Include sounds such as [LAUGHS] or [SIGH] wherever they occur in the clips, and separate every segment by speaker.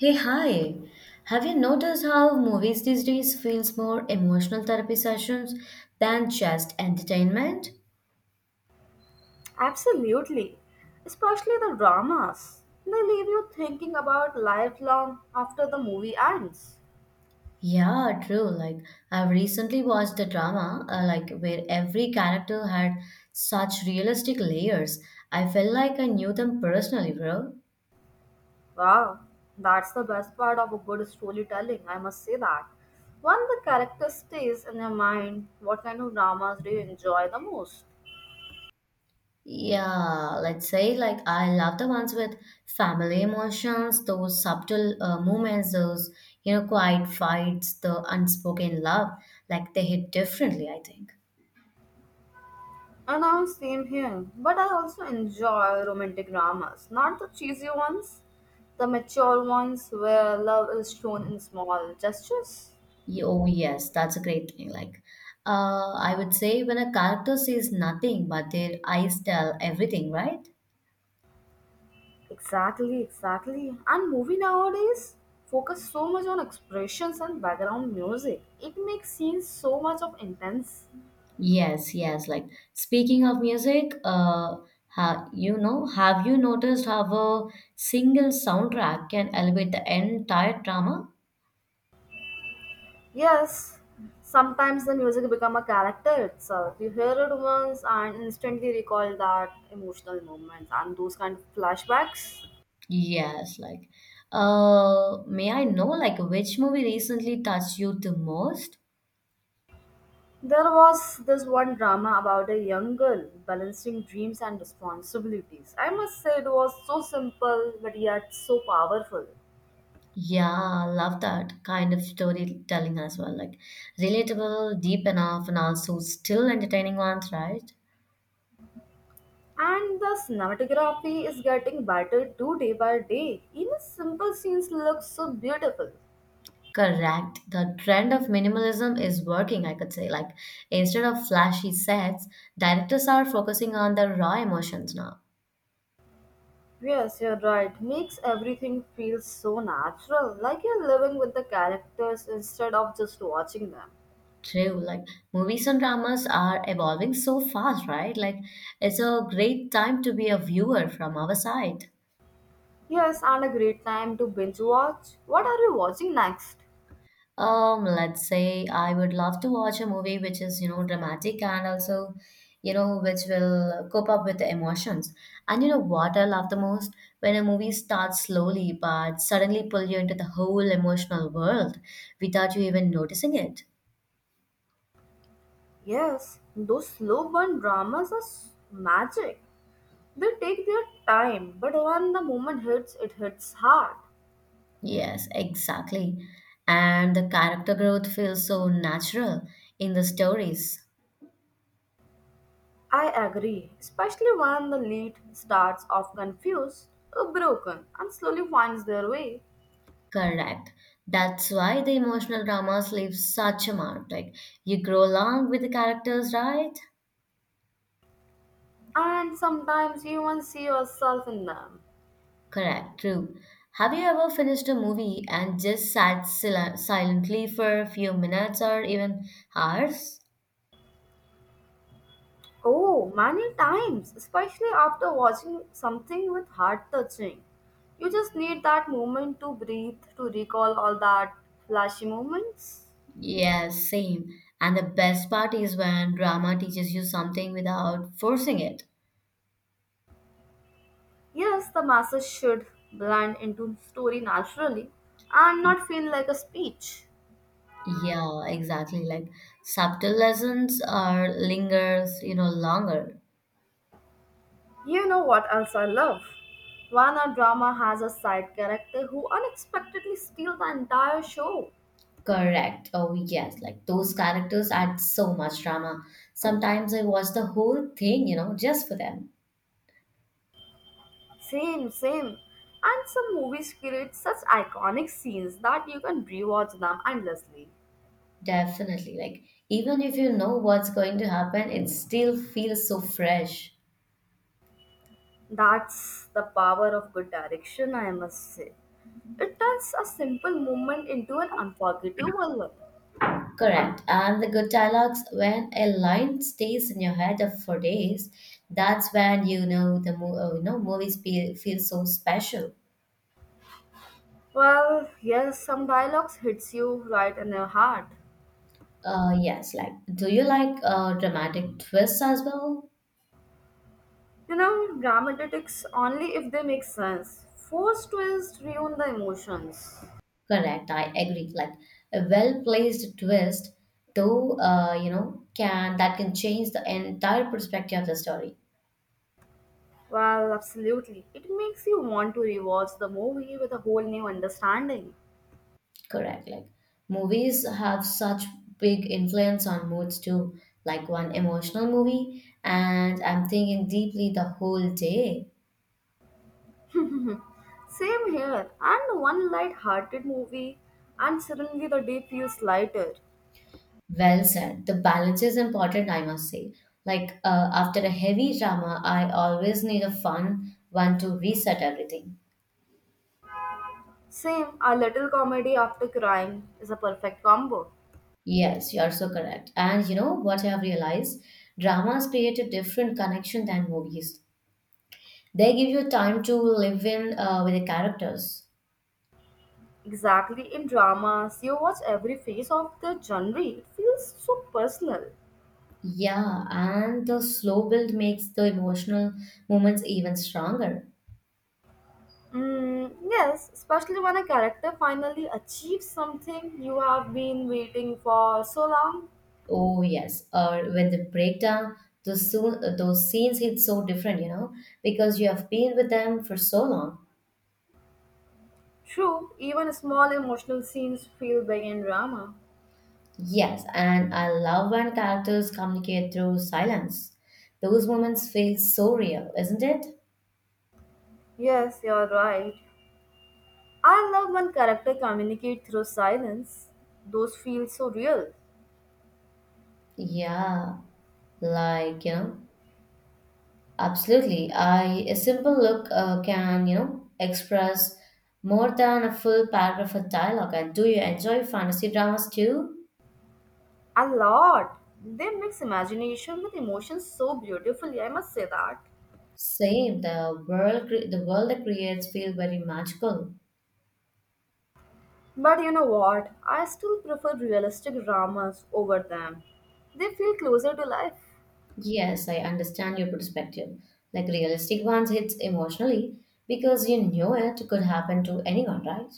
Speaker 1: Hey, hi. Have you noticed how movies these days feels more emotional therapy sessions than just entertainment?
Speaker 2: Absolutely. Especially the dramas. They leave you thinking about life long after the movie ends.
Speaker 1: Yeah, true. Like I've recently watched a drama like where every character had such realistic layers. I felt like I knew them personally, bro.
Speaker 2: Wow, that's the best part of a good storytelling, I must say that. When the character stays in your mind, what kind of dramas do you enjoy the most?
Speaker 1: Yeah, let's say like I love the ones with family emotions, those subtle moments, those quiet fights, the unspoken love. Like they hit differently, I think.
Speaker 2: And I'm same here, but I also enjoy romantic dramas, not the cheesy ones, the mature ones where love is shown in small gestures.
Speaker 1: Oh yes, that's a great thing. Like, I would say when a character says nothing but their eyes tell everything, right?
Speaker 2: Exactly, exactly. And movie nowadays focus so much on expressions and background music. It makes scenes so much of intense.
Speaker 1: Yes, yes. Like speaking of music, ha you know, have you noticed how a single soundtrack can elevate the entire drama?
Speaker 2: Yes, sometimes the music become a character itself. You hear it once and instantly recall that emotional moments and those kind of flashbacks.
Speaker 1: Yes, like, may I know like which movie recently touched you the most?
Speaker 2: There was this one drama about a young girl balancing dreams and responsibilities. I must say it was so simple but yet so powerful.
Speaker 1: Yeah, love that kind of storytelling as well. Like relatable, deep enough, and also still entertaining ones, right?
Speaker 2: And the cinematography is getting better too day by day. Even simple scenes look so beautiful.
Speaker 1: Correct. The trend of minimalism is working, I could say. Like instead of flashy sets, directors are focusing on the raw emotions now.
Speaker 2: Yes, you're right. Makes everything feel so natural, like you're living with the characters instead of just watching them.
Speaker 1: True. Like movies and dramas are evolving so fast, right? Like it's a great time to be a viewer from our side.
Speaker 2: Yes, and a great time to binge watch. What are you watching next?
Speaker 1: Let's say I would love to watch a movie which is, you know, dramatic and also, you know, which will cope up with the emotions. And you know what I love the most? When a movie starts slowly but suddenly pull you into the whole emotional world without you even noticing it.
Speaker 2: Yes, those slow burn dramas are magic. They take their time, but when the moment hits, it hits hard.
Speaker 1: Yes, exactly. And the character growth feels so natural in the stories.
Speaker 2: I agree, especially when the lead starts off confused, broken, and slowly finds their way.
Speaker 1: Correct. That's why the emotional dramas leave such a mark. Like you grow along with the characters, right?
Speaker 2: And sometimes you even see yourself in them.
Speaker 1: Correct. True. Have you ever finished a movie and just sat silently for a few minutes or even hours?
Speaker 2: Oh, many times, especially after watching something with heart touching. You just need that moment to breathe, to recall all that flashy moments.
Speaker 1: Yes, same. And the best part is when drama teaches you something without forcing it.
Speaker 2: Yes, the masses should blend into story naturally and not feel like a speech.
Speaker 1: Yeah, exactly. Like subtle lessons are lingers, you know, longer.
Speaker 2: You know what else I love? When a drama has a side character who unexpectedly steals the entire show.
Speaker 1: Correct. Oh, yes. Like those characters add so much drama. Sometimes I watch the whole thing, you know, just for them.
Speaker 2: Same, same. And some movies create such iconic scenes that you can rewatch them endlessly.
Speaker 1: Definitely. Like even if you know what's going to happen, it still feels so fresh.
Speaker 2: That's the power of good direction, I must say. It turns a simple moment into an unforgettable one.
Speaker 1: Correct. And the good dialogues, when a line stays in your head for days, that's when you know the you know movies feel so special.
Speaker 2: Well, yes, some dialogues hits you right in your heart.
Speaker 1: Yes, like, do you like dramatic twists as well?
Speaker 2: You know, dramatics only if they make sense. Forced twists ruin the emotions.
Speaker 1: Correct, I agree. Like a well-placed twist, though, you know, can that can change the entire perspective of the story.
Speaker 2: Well, absolutely. It makes you want to rewatch the movie with a whole new understanding.
Speaker 1: Correct. Like movies have such big influence on moods too. Like one emotional movie, and I'm thinking deeply the whole day.
Speaker 2: [LAUGHS] Same here. And one light-hearted movie, and suddenly the day feels lighter.
Speaker 1: Well said. The balance is important, I must say. Like after a heavy drama, I always need a fun one to reset everything.
Speaker 2: Same, a little comedy after crime is a perfect combo.
Speaker 1: Yes, you're so correct. And you know what I have realized? Dramas create a different connection than movies. They give you time to live in with the characters.
Speaker 2: Exactly in dramas, you watch every phase of the genre. It feels so personal.
Speaker 1: Yeah, and the slow build makes the emotional moments even stronger.
Speaker 2: Mm, yes, especially when a character finally achieves something you have been waiting for so long.
Speaker 1: Oh yes, or when they break down, those soon those scenes hit so different, you know, because you have been with them for so long.
Speaker 2: True, even small emotional scenes feel big in drama.
Speaker 1: Yes, and I love when characters communicate through silence. Those moments feel so real, isn't it?
Speaker 2: Yes, you're right. I love when characters communicate through silence. Those feel so real.
Speaker 1: Yeah, like, you know, absolutely. I a simple look can, you know, express more than a full paragraph of dialogue. And do you enjoy fantasy dramas too?
Speaker 2: A lot. They mix imagination with emotion so beautifully, I must say that.
Speaker 1: Same, the the world that creates feel very magical.
Speaker 2: But you know what? I still prefer realistic dramas over them. They feel closer to life.
Speaker 1: Yes, I understand your perspective. Like realistic ones hits emotionally because you know it could happen to anyone, right?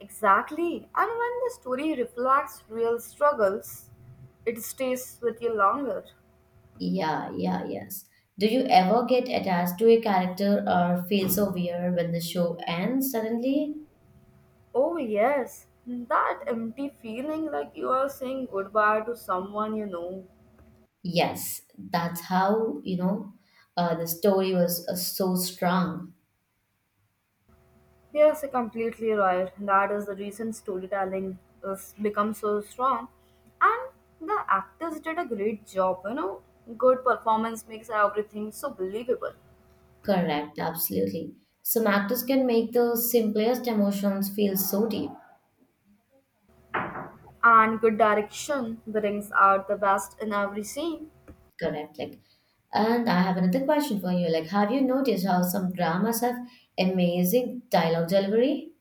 Speaker 2: Exactly. And when the story reflects real struggles, it stays with you longer.
Speaker 1: Yeah, yeah, yes. Do you ever get attached to a character or feel so weird when the show ends suddenly?
Speaker 2: Oh, yes. That empty feeling like you are saying goodbye to someone you know.
Speaker 1: Yes, that's how, you know, the story was so strong.
Speaker 2: Yes, you're completely right. That is the reason storytelling has become so strong. And the actors did a great job, you know. Good performance makes everything so believable.
Speaker 1: Correct, absolutely. Some actors can make the simplest emotions feel so deep.
Speaker 2: And good direction brings out the best in every scene.
Speaker 1: Correct. Like, and I have another question for you. Like, have you noticed how some dramas have amazing dialogue delivery?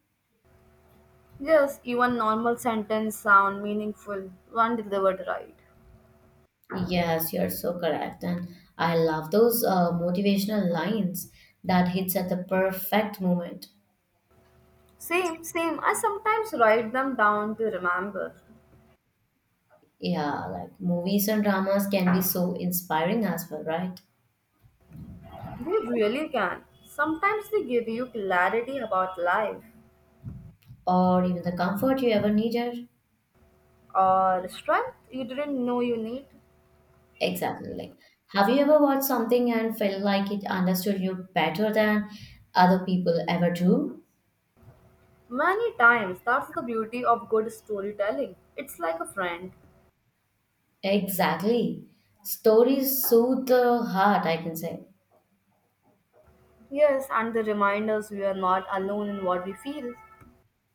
Speaker 2: Yes, even normal sentence sound meaningful when delivered right.
Speaker 1: Yes, you're so correct, and I love those motivational lines that hits at the perfect moment.
Speaker 2: Same, same. I sometimes write them down to remember.
Speaker 1: Yeah, like movies and dramas can be so inspiring as well, right?
Speaker 2: They really can. Sometimes they give you clarity about life
Speaker 1: Or even the comfort you ever needed.
Speaker 2: or strength you didn't know you need.
Speaker 1: Exactly. Like, have you ever watched something and felt like it understood you better than other people ever do?
Speaker 2: Many times, that's the beauty of good storytelling. It's like a friend.
Speaker 1: Exactly. Stories soothe the heart, I can say.
Speaker 2: Yes, and the reminders we are not alone in what we feel.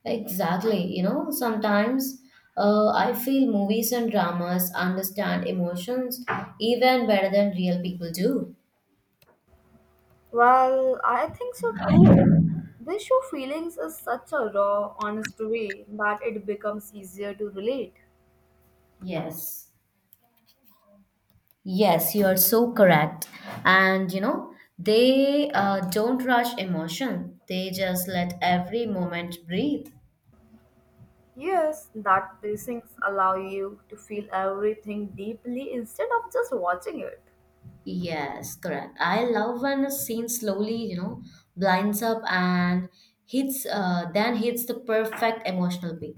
Speaker 1: Exactly. You know, sometimes I feel movies and dramas understand emotions even better than real people do.
Speaker 2: Well, I think so too. They show feelings in such a raw, honest way that it becomes easier to relate.
Speaker 1: Yes. Yes, you are so correct. And you know, they don't rush emotion, they just let every moment breathe.
Speaker 2: Yes, that pacings allow you to feel everything deeply instead of just watching it.
Speaker 1: Yes, correct. I love when a scene slowly, you know, blinds up and then hits the perfect emotional beat.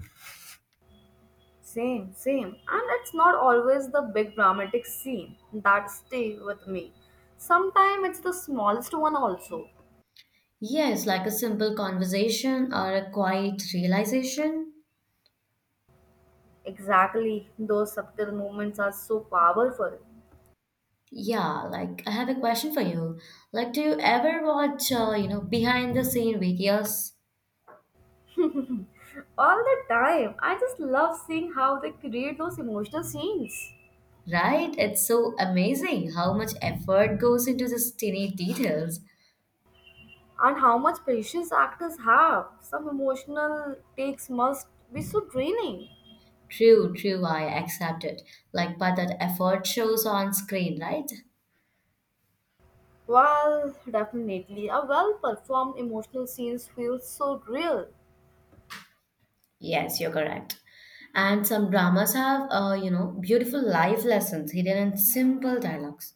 Speaker 2: Same, same. And it's not always the big dramatic scene that stay with me. Sometimes it's the smallest one also.
Speaker 1: Yes, like a simple conversation or a quiet realization.
Speaker 2: Exactly, those subtle moments are so powerful.
Speaker 1: Yeah, like I have a question for you. Like, do you ever watch, you know, behind the scene videos?
Speaker 2: All the time. I just love seeing how they create those emotional scenes
Speaker 1: Right? It's so amazing how much effort goes into these tiny details.
Speaker 2: and how much patience actors have. Some emotional takes must be so draining.
Speaker 1: True, true, I accept it. Like, but that effort shows on screen, right?
Speaker 2: Well, definitely, a well performed emotional scenes feels so real.
Speaker 1: Yes, you're correct. And some dramas have, you know, beautiful life lessons hidden in simple dialogues.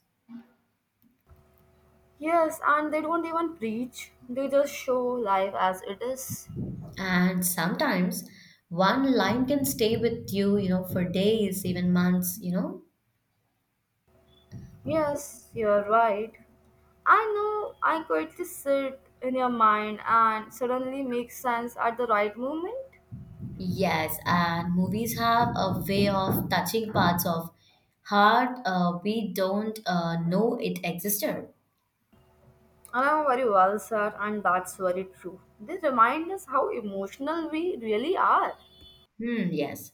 Speaker 2: Yes, and they don't even preach, they just show life as it is.
Speaker 1: And sometimes one line can stay with you, you know, for days, even months, you know.
Speaker 2: Yes, you're right. I know I quietly sit in your mind and suddenly make sense at the right moment.
Speaker 1: Yes, and movies have a way of touching parts of heart we don't know it existed.
Speaker 2: Ah, very well, sir, and that's very true. They remind us how emotional we really are.
Speaker 1: Hmm, yes.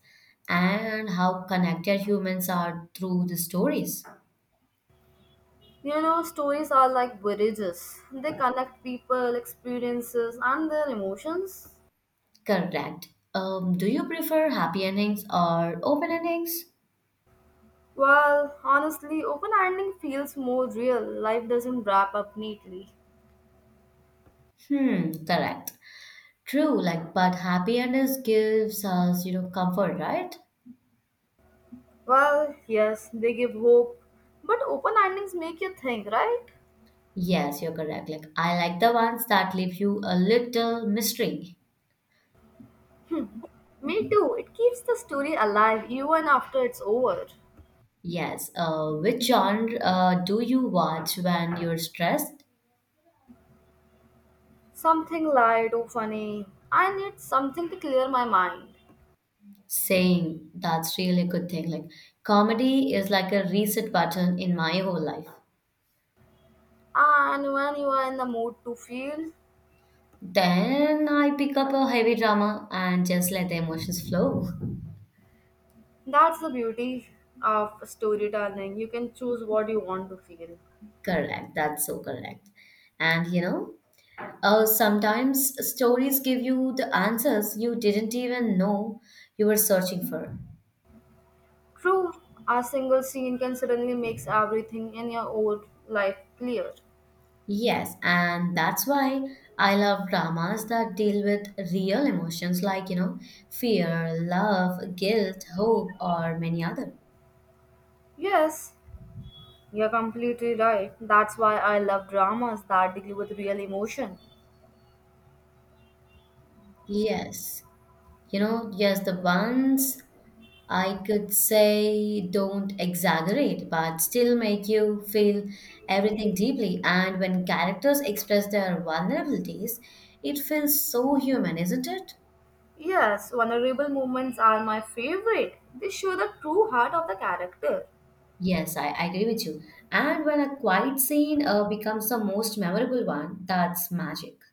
Speaker 1: And how connected humans are through the stories.
Speaker 2: You know, stories are like bridges. They connect people, experiences, and their emotions.
Speaker 1: Correct. Do you prefer happy endings or open endings?
Speaker 2: Well, honestly, open ending feels more real. Life doesn't wrap up neatly.
Speaker 1: Hmm, correct. True, like, but happy endings gives us, you know, comfort, right?
Speaker 2: Well, yes, they give hope. But open endings make you think, right?
Speaker 1: Yes, you're correct. Like, I like the ones that leave you a little mystery.
Speaker 2: Me too. It keeps the story alive even after it's over.
Speaker 1: Yes. Which genre do you watch when you're stressed?
Speaker 2: Something light or funny. I need something to clear my mind.
Speaker 1: Saying that's really a good thing. Like, comedy is like a reset button in my whole life.
Speaker 2: And when you are in the mood to feel,
Speaker 1: Then I pick up a heavy drama and just let the emotions flow.
Speaker 2: that's the beauty of storytelling. You can choose what you want to feel.
Speaker 1: Correct, that's so correct. And you know, sometimes stories give you the answers you didn't even know you were searching for.
Speaker 2: True, a single scene can suddenly make everything in your old life clear.
Speaker 1: Yes, and that's why I love dramas that deal with real emotions like, you know, fear, love, guilt, hope, or many other.
Speaker 2: Yes, you're completely right. That's why I love dramas that deal with real emotion.
Speaker 1: Yes. You know, yes, the ones I could say don't exaggerate, but still make you feel everything deeply. And when characters express their vulnerabilities, it feels so human, isn't it?
Speaker 2: Yes, vulnerable moments are my favorite. They show the true heart of the character.
Speaker 1: Yes, I agree with you. And when a quiet scene becomes the most memorable one, that's magic.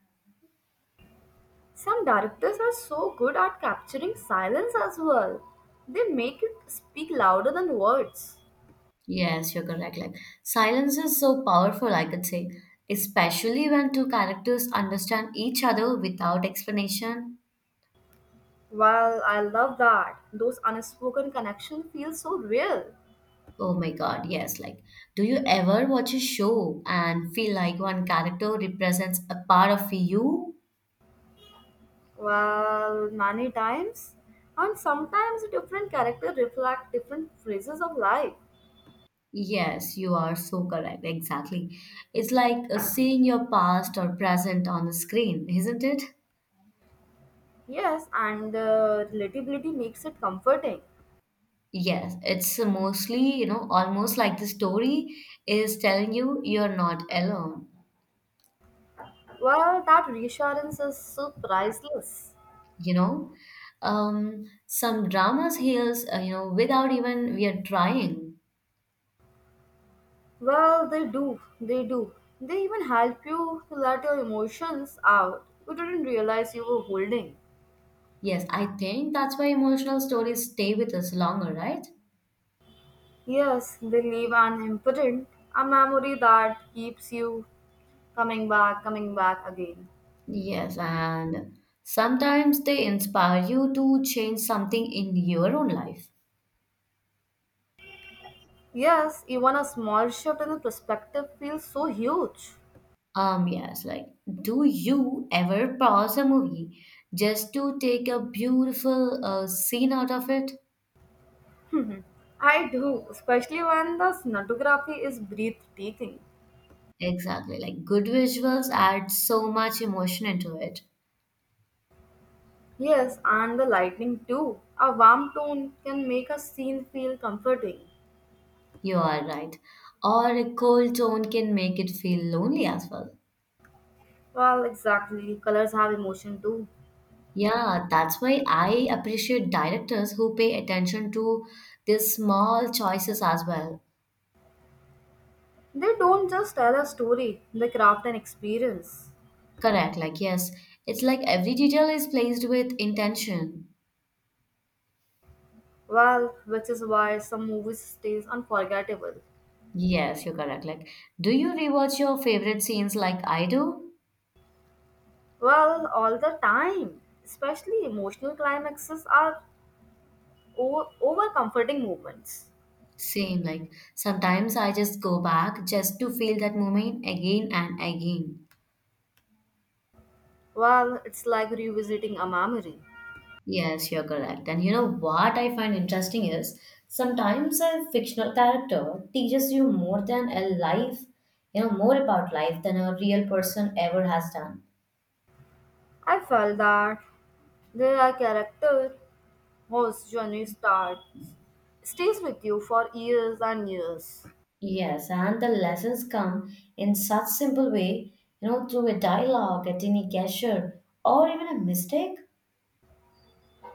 Speaker 2: Some directors are so good at capturing silence as well. They make it speak louder than words.
Speaker 1: Yes, you're correct. Like silence is so powerful, I could say, especially when two characters understand each other without explanation.
Speaker 2: Well, I love that. Those unspoken connections feel so real.
Speaker 1: Oh my God, yes. Like, do you ever watch a show and feel like one character represents a part of you?
Speaker 2: Well, many times. And sometimes different characters reflect different phases of life.
Speaker 1: Yes, you are so correct. Exactly. It's like seeing your past or present on the screen, isn't it?
Speaker 2: Yes, and the relatability makes it comforting.
Speaker 1: Yes, it's mostly, you know, almost like the story is telling you you're not alone,
Speaker 2: Well, that reassurance is so priceless.
Speaker 1: you know? Some dramas heals, you know, without even we are trying.
Speaker 2: Well, they do. They do. They even help you to let your emotions out. You didn't realize you were holding.
Speaker 1: Yes, I think that's why emotional stories stay with us longer, right?
Speaker 2: Yes, they leave an imprint, a memory that keeps you coming back again.
Speaker 1: Yes, and sometimes they inspire you to change something in your own life.
Speaker 2: Yes, even a small shift in the perspective feels so huge.
Speaker 1: Yes, like, do you ever pause a movie just to take a beautiful scene out of it?
Speaker 2: [LAUGHS] I do, especially when the sonography is breathtaking.
Speaker 1: Exactly, like good visuals add so much emotion into it.
Speaker 2: Yes, and the lightning too. A warm tone can make a scene feel comforting.
Speaker 1: You are right. Or a cold tone can make it feel lonely as well.
Speaker 2: Well, exactly. Colors have emotion too.
Speaker 1: Yeah, that's why I appreciate directors who pay attention to these small choices as well.
Speaker 2: They don't just tell a story, they craft an experience.
Speaker 1: Correct, like, yes, it's like every detail is placed with intention.
Speaker 2: Well, which is why some movies stays unforgettable.
Speaker 1: Yes, you're correct. Like, do you rewatch your favorite scenes like I do?
Speaker 2: Well, all the time. Especially emotional climaxes are over, over comforting moments.
Speaker 1: Same, like, sometimes I just go back just to feel that moment again and again.
Speaker 2: Well, it's like revisiting a memory.
Speaker 1: Yes, you're correct. And you know what I find interesting is sometimes a fictional character teaches you more than a life, you know, more about life than a real person ever has done.
Speaker 2: I felt that there are characters whose journey starts stays with you for years and years.
Speaker 1: Yes, and the lessons come in such simple way, you know, through a dialogue, a tiny gesture, or even a mistake.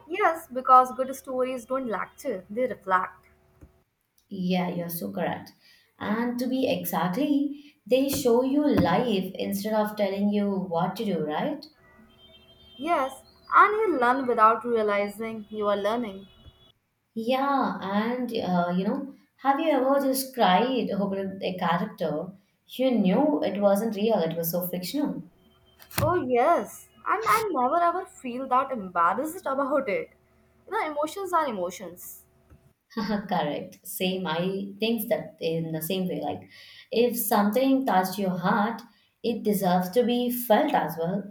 Speaker 2: Yes, because good stories don't lecture, they reflect.
Speaker 1: Yeah, you're so correct. And to be exactly, they show you life instead of telling you what to do, right?
Speaker 2: Yes, and you learn without realizing you are learning.
Speaker 1: Yeah, and you know, have you ever just cried over a character? You knew it wasn't real, it was so fictional.
Speaker 2: Oh, yes, and I never ever feel that embarrassed about it. You know, emotions are emotions,
Speaker 1: [LAUGHS] Correct. Same, I think that in the same way. Like, if something touched your heart, it deserves to be felt as well.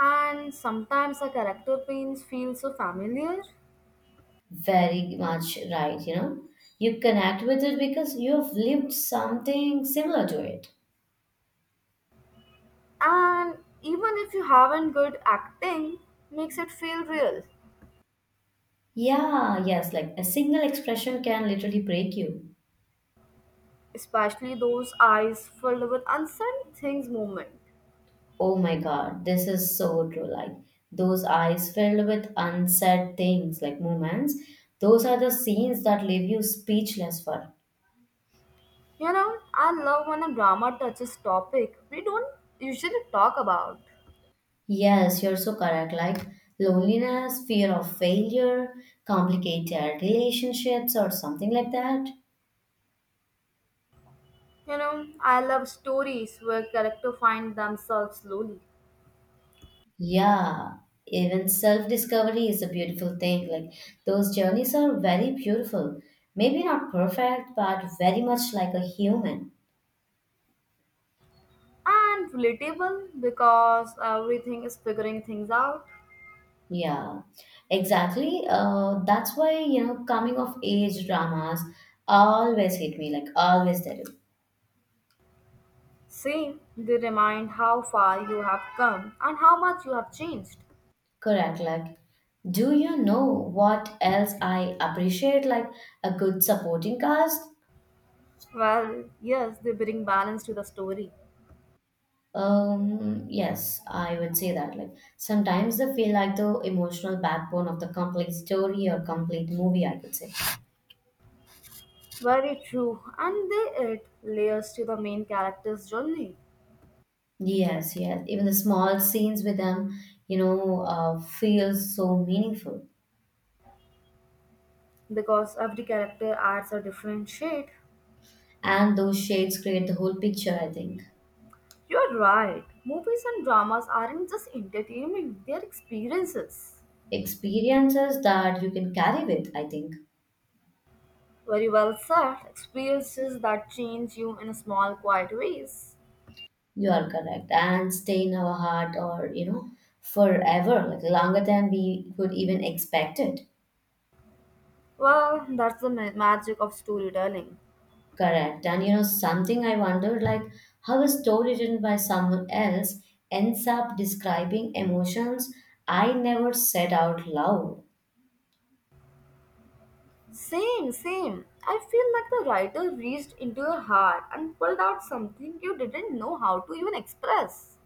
Speaker 2: and sometimes a character pains feel so familiar,
Speaker 1: Very much right, you know. You connect with it because you've lived something similar to it.
Speaker 2: and even if you haven't good acting, makes it feel real,
Speaker 1: Yeah, yes, like a single expression can literally break you.
Speaker 2: especially those eyes filled with uncertain things moment.
Speaker 1: Oh my God, this is so true. Like those eyes filled with unsaid things, like moments, those are the scenes that leave you speechless for.
Speaker 2: You know, I love when a drama touches topic we don't usually talk about.
Speaker 1: Yes, you're so correct. Like loneliness, fear of failure, complicated relationships, or something like that.
Speaker 2: You know, I love stories where characters find themselves slowly
Speaker 1: Yeah, even self discovery is a beautiful thing. Like those journeys are very beautiful. Maybe not perfect, but very much like a human.
Speaker 2: and relatable because everything is figuring things out.
Speaker 1: Yeah, exactly. That's why, coming of age dramas always hit me, like always they do.
Speaker 2: Same, they remind how far you have come and how much you have changed.
Speaker 1: Correct. Like, do you know what else I appreciate? Like a good supporting cast?
Speaker 2: Well, yes, they bring balance to the story.
Speaker 1: Yes, I would say that. Like sometimes they feel like the emotional backbone of the complete story or complete movie, I could say.
Speaker 2: Very true, and they add layers to the main character's journey
Speaker 1: Yes, yes. Even the small scenes with them, feel so meaningful.
Speaker 2: because every character adds a different shade.
Speaker 1: And those shades create the whole picture, I think.
Speaker 2: You're right. Movies and dramas aren't just entertainment, they're experiences.
Speaker 1: Experiences that you can carry with, I think.
Speaker 2: Very well said. Experiences that change you in small, quiet ways.
Speaker 1: You are correct. And stay in our heart or, forever, like longer than we could even expect it.
Speaker 2: Well, that's the magic of storytelling.
Speaker 1: Correct. And you know, something I wondered like how a story written by someone else ends up describing emotions I never said out loud.
Speaker 2: Same, same. I feel like the writer reached into your heart and pulled out something you didn't know how to even express.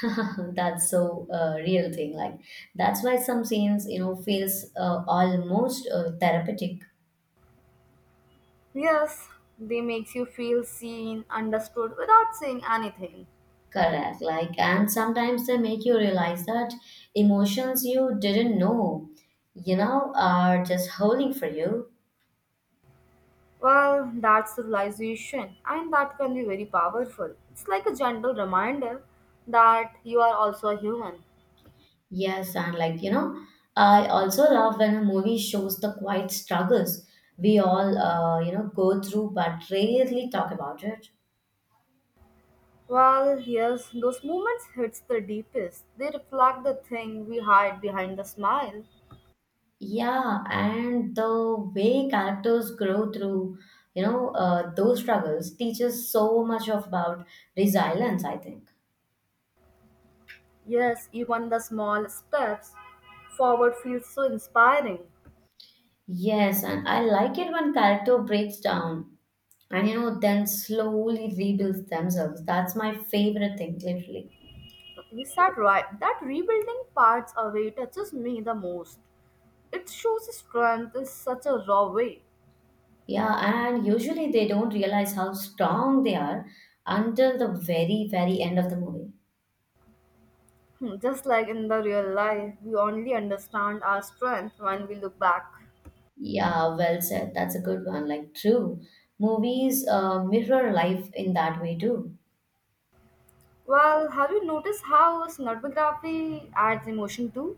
Speaker 1: [LAUGHS] That's so real thing. Like that's why some scenes, feels almost therapeutic.
Speaker 2: Yes, they makes you feel seen, understood without saying anything.
Speaker 1: Correct. Like, and sometimes they make you realize that emotions you didn't know, are just holding for you.
Speaker 2: Well, that's the realization, and that can be very powerful. It's like a gentle reminder that you are also a human.
Speaker 1: Yes, and like, you know, I also love when a movie shows the quiet struggles we all, go through but rarely talk about it.
Speaker 2: Well, yes, those moments hits the deepest. They reflect the thing we hide behind the smile.
Speaker 1: Yeah, and the way characters grow through, those struggles teaches so much of about resilience, I think.
Speaker 2: Yes, even the small steps forward feels so inspiring.
Speaker 1: Yes, and I like it when character breaks down and you know then slowly rebuilds themselves. That's my favorite thing, literally.
Speaker 2: You said right, that rebuilding parts away touches me the most. It shows strength in such a raw way.
Speaker 1: Yeah, and usually they don't realize how strong they are until the very, very end of the movie.
Speaker 2: Hmm, just like in the real life, we only understand our strength when we look back.
Speaker 1: Yeah, well said. That's a good one. Like, true. Movies mirror life in that way too.
Speaker 2: Well, have you noticed how cinematography adds emotion too?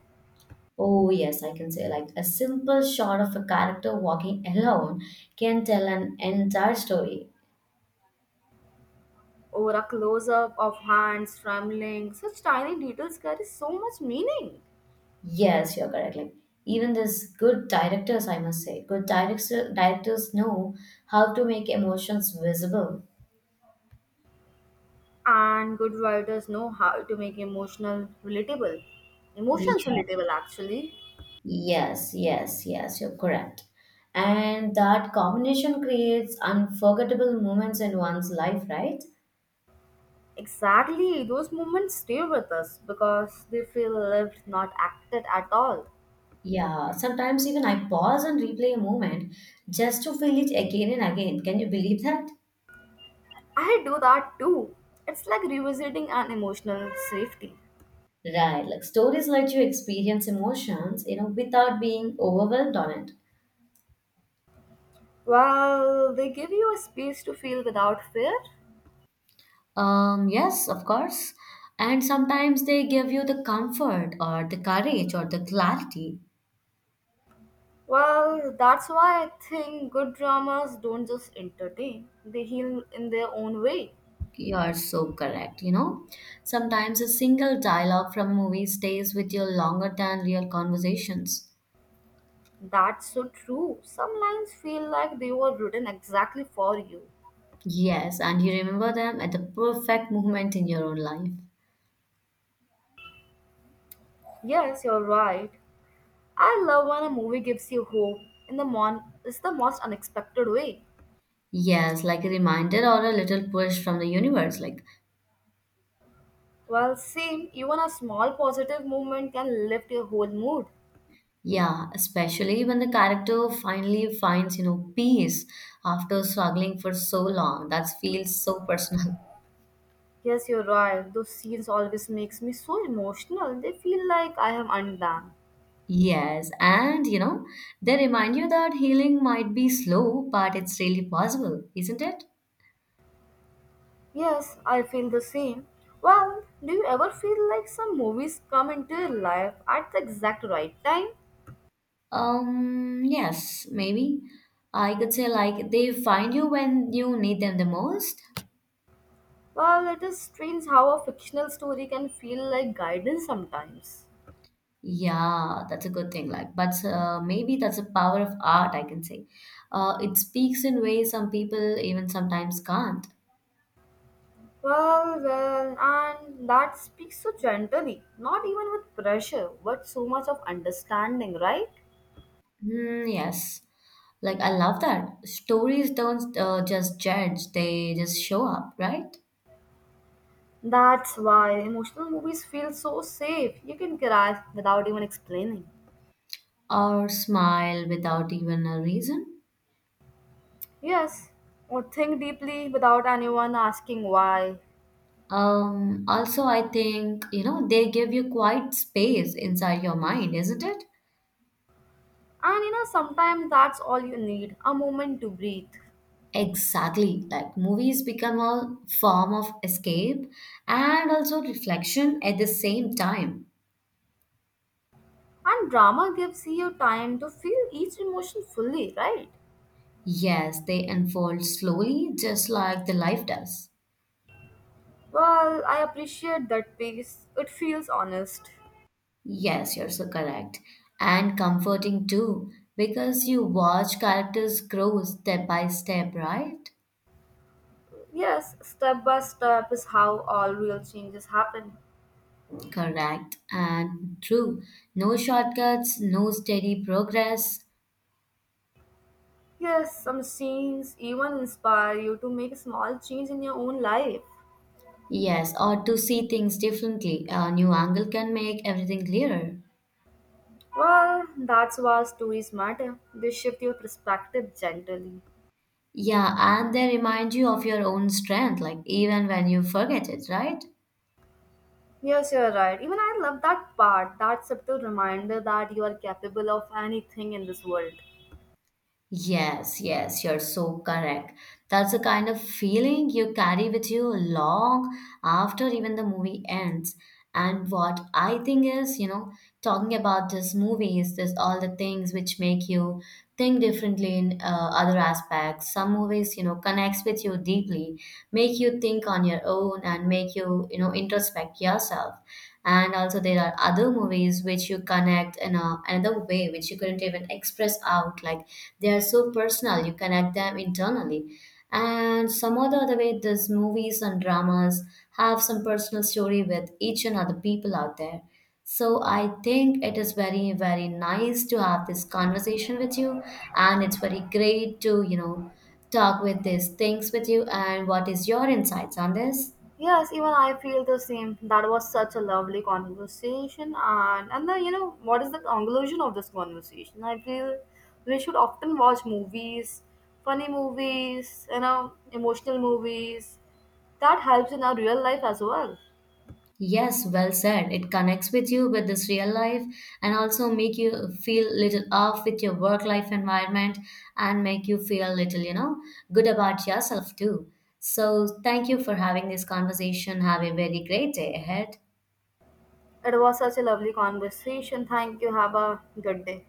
Speaker 1: Oh, yes, I can say like a simple shot of a character walking alone can tell an entire story.
Speaker 2: Over a close up of hands trembling, such tiny details carry so much meaning.
Speaker 1: Yes, you're correct. Like even this good directors, I must say, directors know how to make emotions visible.
Speaker 2: And good writers know how to make emotional relatable. Emotions
Speaker 1: Yeah.
Speaker 2: relatable, actually.
Speaker 1: Yes, yes, yes, you're correct. And that combination creates unforgettable moments in one's life, right?
Speaker 2: Exactly, those moments stay with us because they feel lived, not acted at all.
Speaker 1: Yeah, sometimes even I pause and replay a moment just to feel it again and again. Can you believe that?
Speaker 2: I do that too. It's like revisiting an emotional safety.
Speaker 1: Right, like stories let you experience emotions, without being overwhelmed on it.
Speaker 2: Well, they give you a space to feel without fear.
Speaker 1: Yes, of course. And sometimes they give you the comfort or the courage or the clarity.
Speaker 2: Well, that's why I think good dramas don't just entertain, they heal in their own way.
Speaker 1: You're so correct, you know. Sometimes a single dialogue from movie stays with you longer than real conversations.
Speaker 2: That's so true. Some lines feel like they were written exactly for you.
Speaker 1: Yes, and you remember them at the perfect moment in your own life.
Speaker 2: Yes, you're right. I love when a movie gives you hope in the mon it's the most unexpected way.
Speaker 1: Yes, like a reminder or a little push from the universe. Like,
Speaker 2: Well, same, even a small positive movement can lift your whole mood.
Speaker 1: yeah, especially when the character finally finds, peace after struggling for so long. That feels so personal. [LAUGHS]
Speaker 2: Yes, you're right. Those scenes always makes me so emotional. They feel like I have earned them.
Speaker 1: Yes, and you know, they remind you that healing might be slow, but it's really possible, isn't it?
Speaker 2: Yes, I feel the same. Well, do you ever feel like some movies come into your life at the exact right time?
Speaker 1: Yes, maybe. I could say like they find you when you need them the most.
Speaker 2: Well, it is strange how a fictional story can feel like guidance sometimes.
Speaker 1: Yeah, that's a good thing. Like, but maybe that's a power of art, I can say. It speaks in ways some people even sometimes can't.
Speaker 2: Well, well, and that speaks so gently, not even with pressure, but so much of understanding, right?
Speaker 1: Hmm, yes. Like, I love that. Stories don't just judge, they just show up, right?
Speaker 2: That's why emotional movies feel so safe. You can cry without even explaining.
Speaker 1: Or smile without even a reason.
Speaker 2: Yes, or think deeply without anyone asking why.
Speaker 1: Also, I think, you know, they give you quite space inside your mind, isn't it?
Speaker 2: And you know, sometimes that's all you need a moment to breathe.
Speaker 1: Exactly. Like movies become a form of escape and also reflection at the same time.
Speaker 2: And drama gives you time to feel each emotion fully, right?
Speaker 1: Yes, they unfold slowly, just like the life does.
Speaker 2: Well, I appreciate that piece. It feels honest.
Speaker 1: Yes, you're so correct. And comforting too, because you watch characters grow step by step, right?
Speaker 2: Yes, step by step is how all real changes happen.
Speaker 1: Correct and true. No shortcuts, no steady progress.
Speaker 2: Yes, some scenes even inspire you to make a small change in your own life.
Speaker 1: Yes, or to see things differently. A new angle can make everything clearer.
Speaker 2: Well, that's why stories matter. They shift your perspective gently.
Speaker 1: Yeah, and they remind you of your own strength, like even when you forget it, right?
Speaker 2: Yes, you're right. Even I love that part, that subtle reminder that you are capable of anything in this world.
Speaker 1: Yes, yes, you're so correct. That's the kind of feeling you carry with you long after even the movie ends. And what I think is, you know, talking about this movies, this all the things which make you think differently in other aspects. Some movies, you know, connects with you deeply, make you think on your own and make you, you know, introspect yourself. And also there are other movies which you connect in a, another way which you couldn't even express out like they are so personal, you connect them internally. And some other way, these movies and dramas have some personal story with each and other people out there. So I think it is very, very nice to have this conversation with you, and it's very great to, you know, talk with these things with you. And what is your insights on this?
Speaker 2: Yes, even I feel the same. That was such a lovely conversation, and the you know what is the conclusion of this conversation? I feel we should often watch movies, funny movies, you know, emotional movies. That helps in our real life as well.
Speaker 1: Yes, well said. It connects with you with this real life and also make you feel little off with your work life environment and make you feel little, you know, good about yourself too. So thank you for having this conversation. Have a very great day ahead.
Speaker 2: It was such a lovely conversation. Thank you. Have a good day.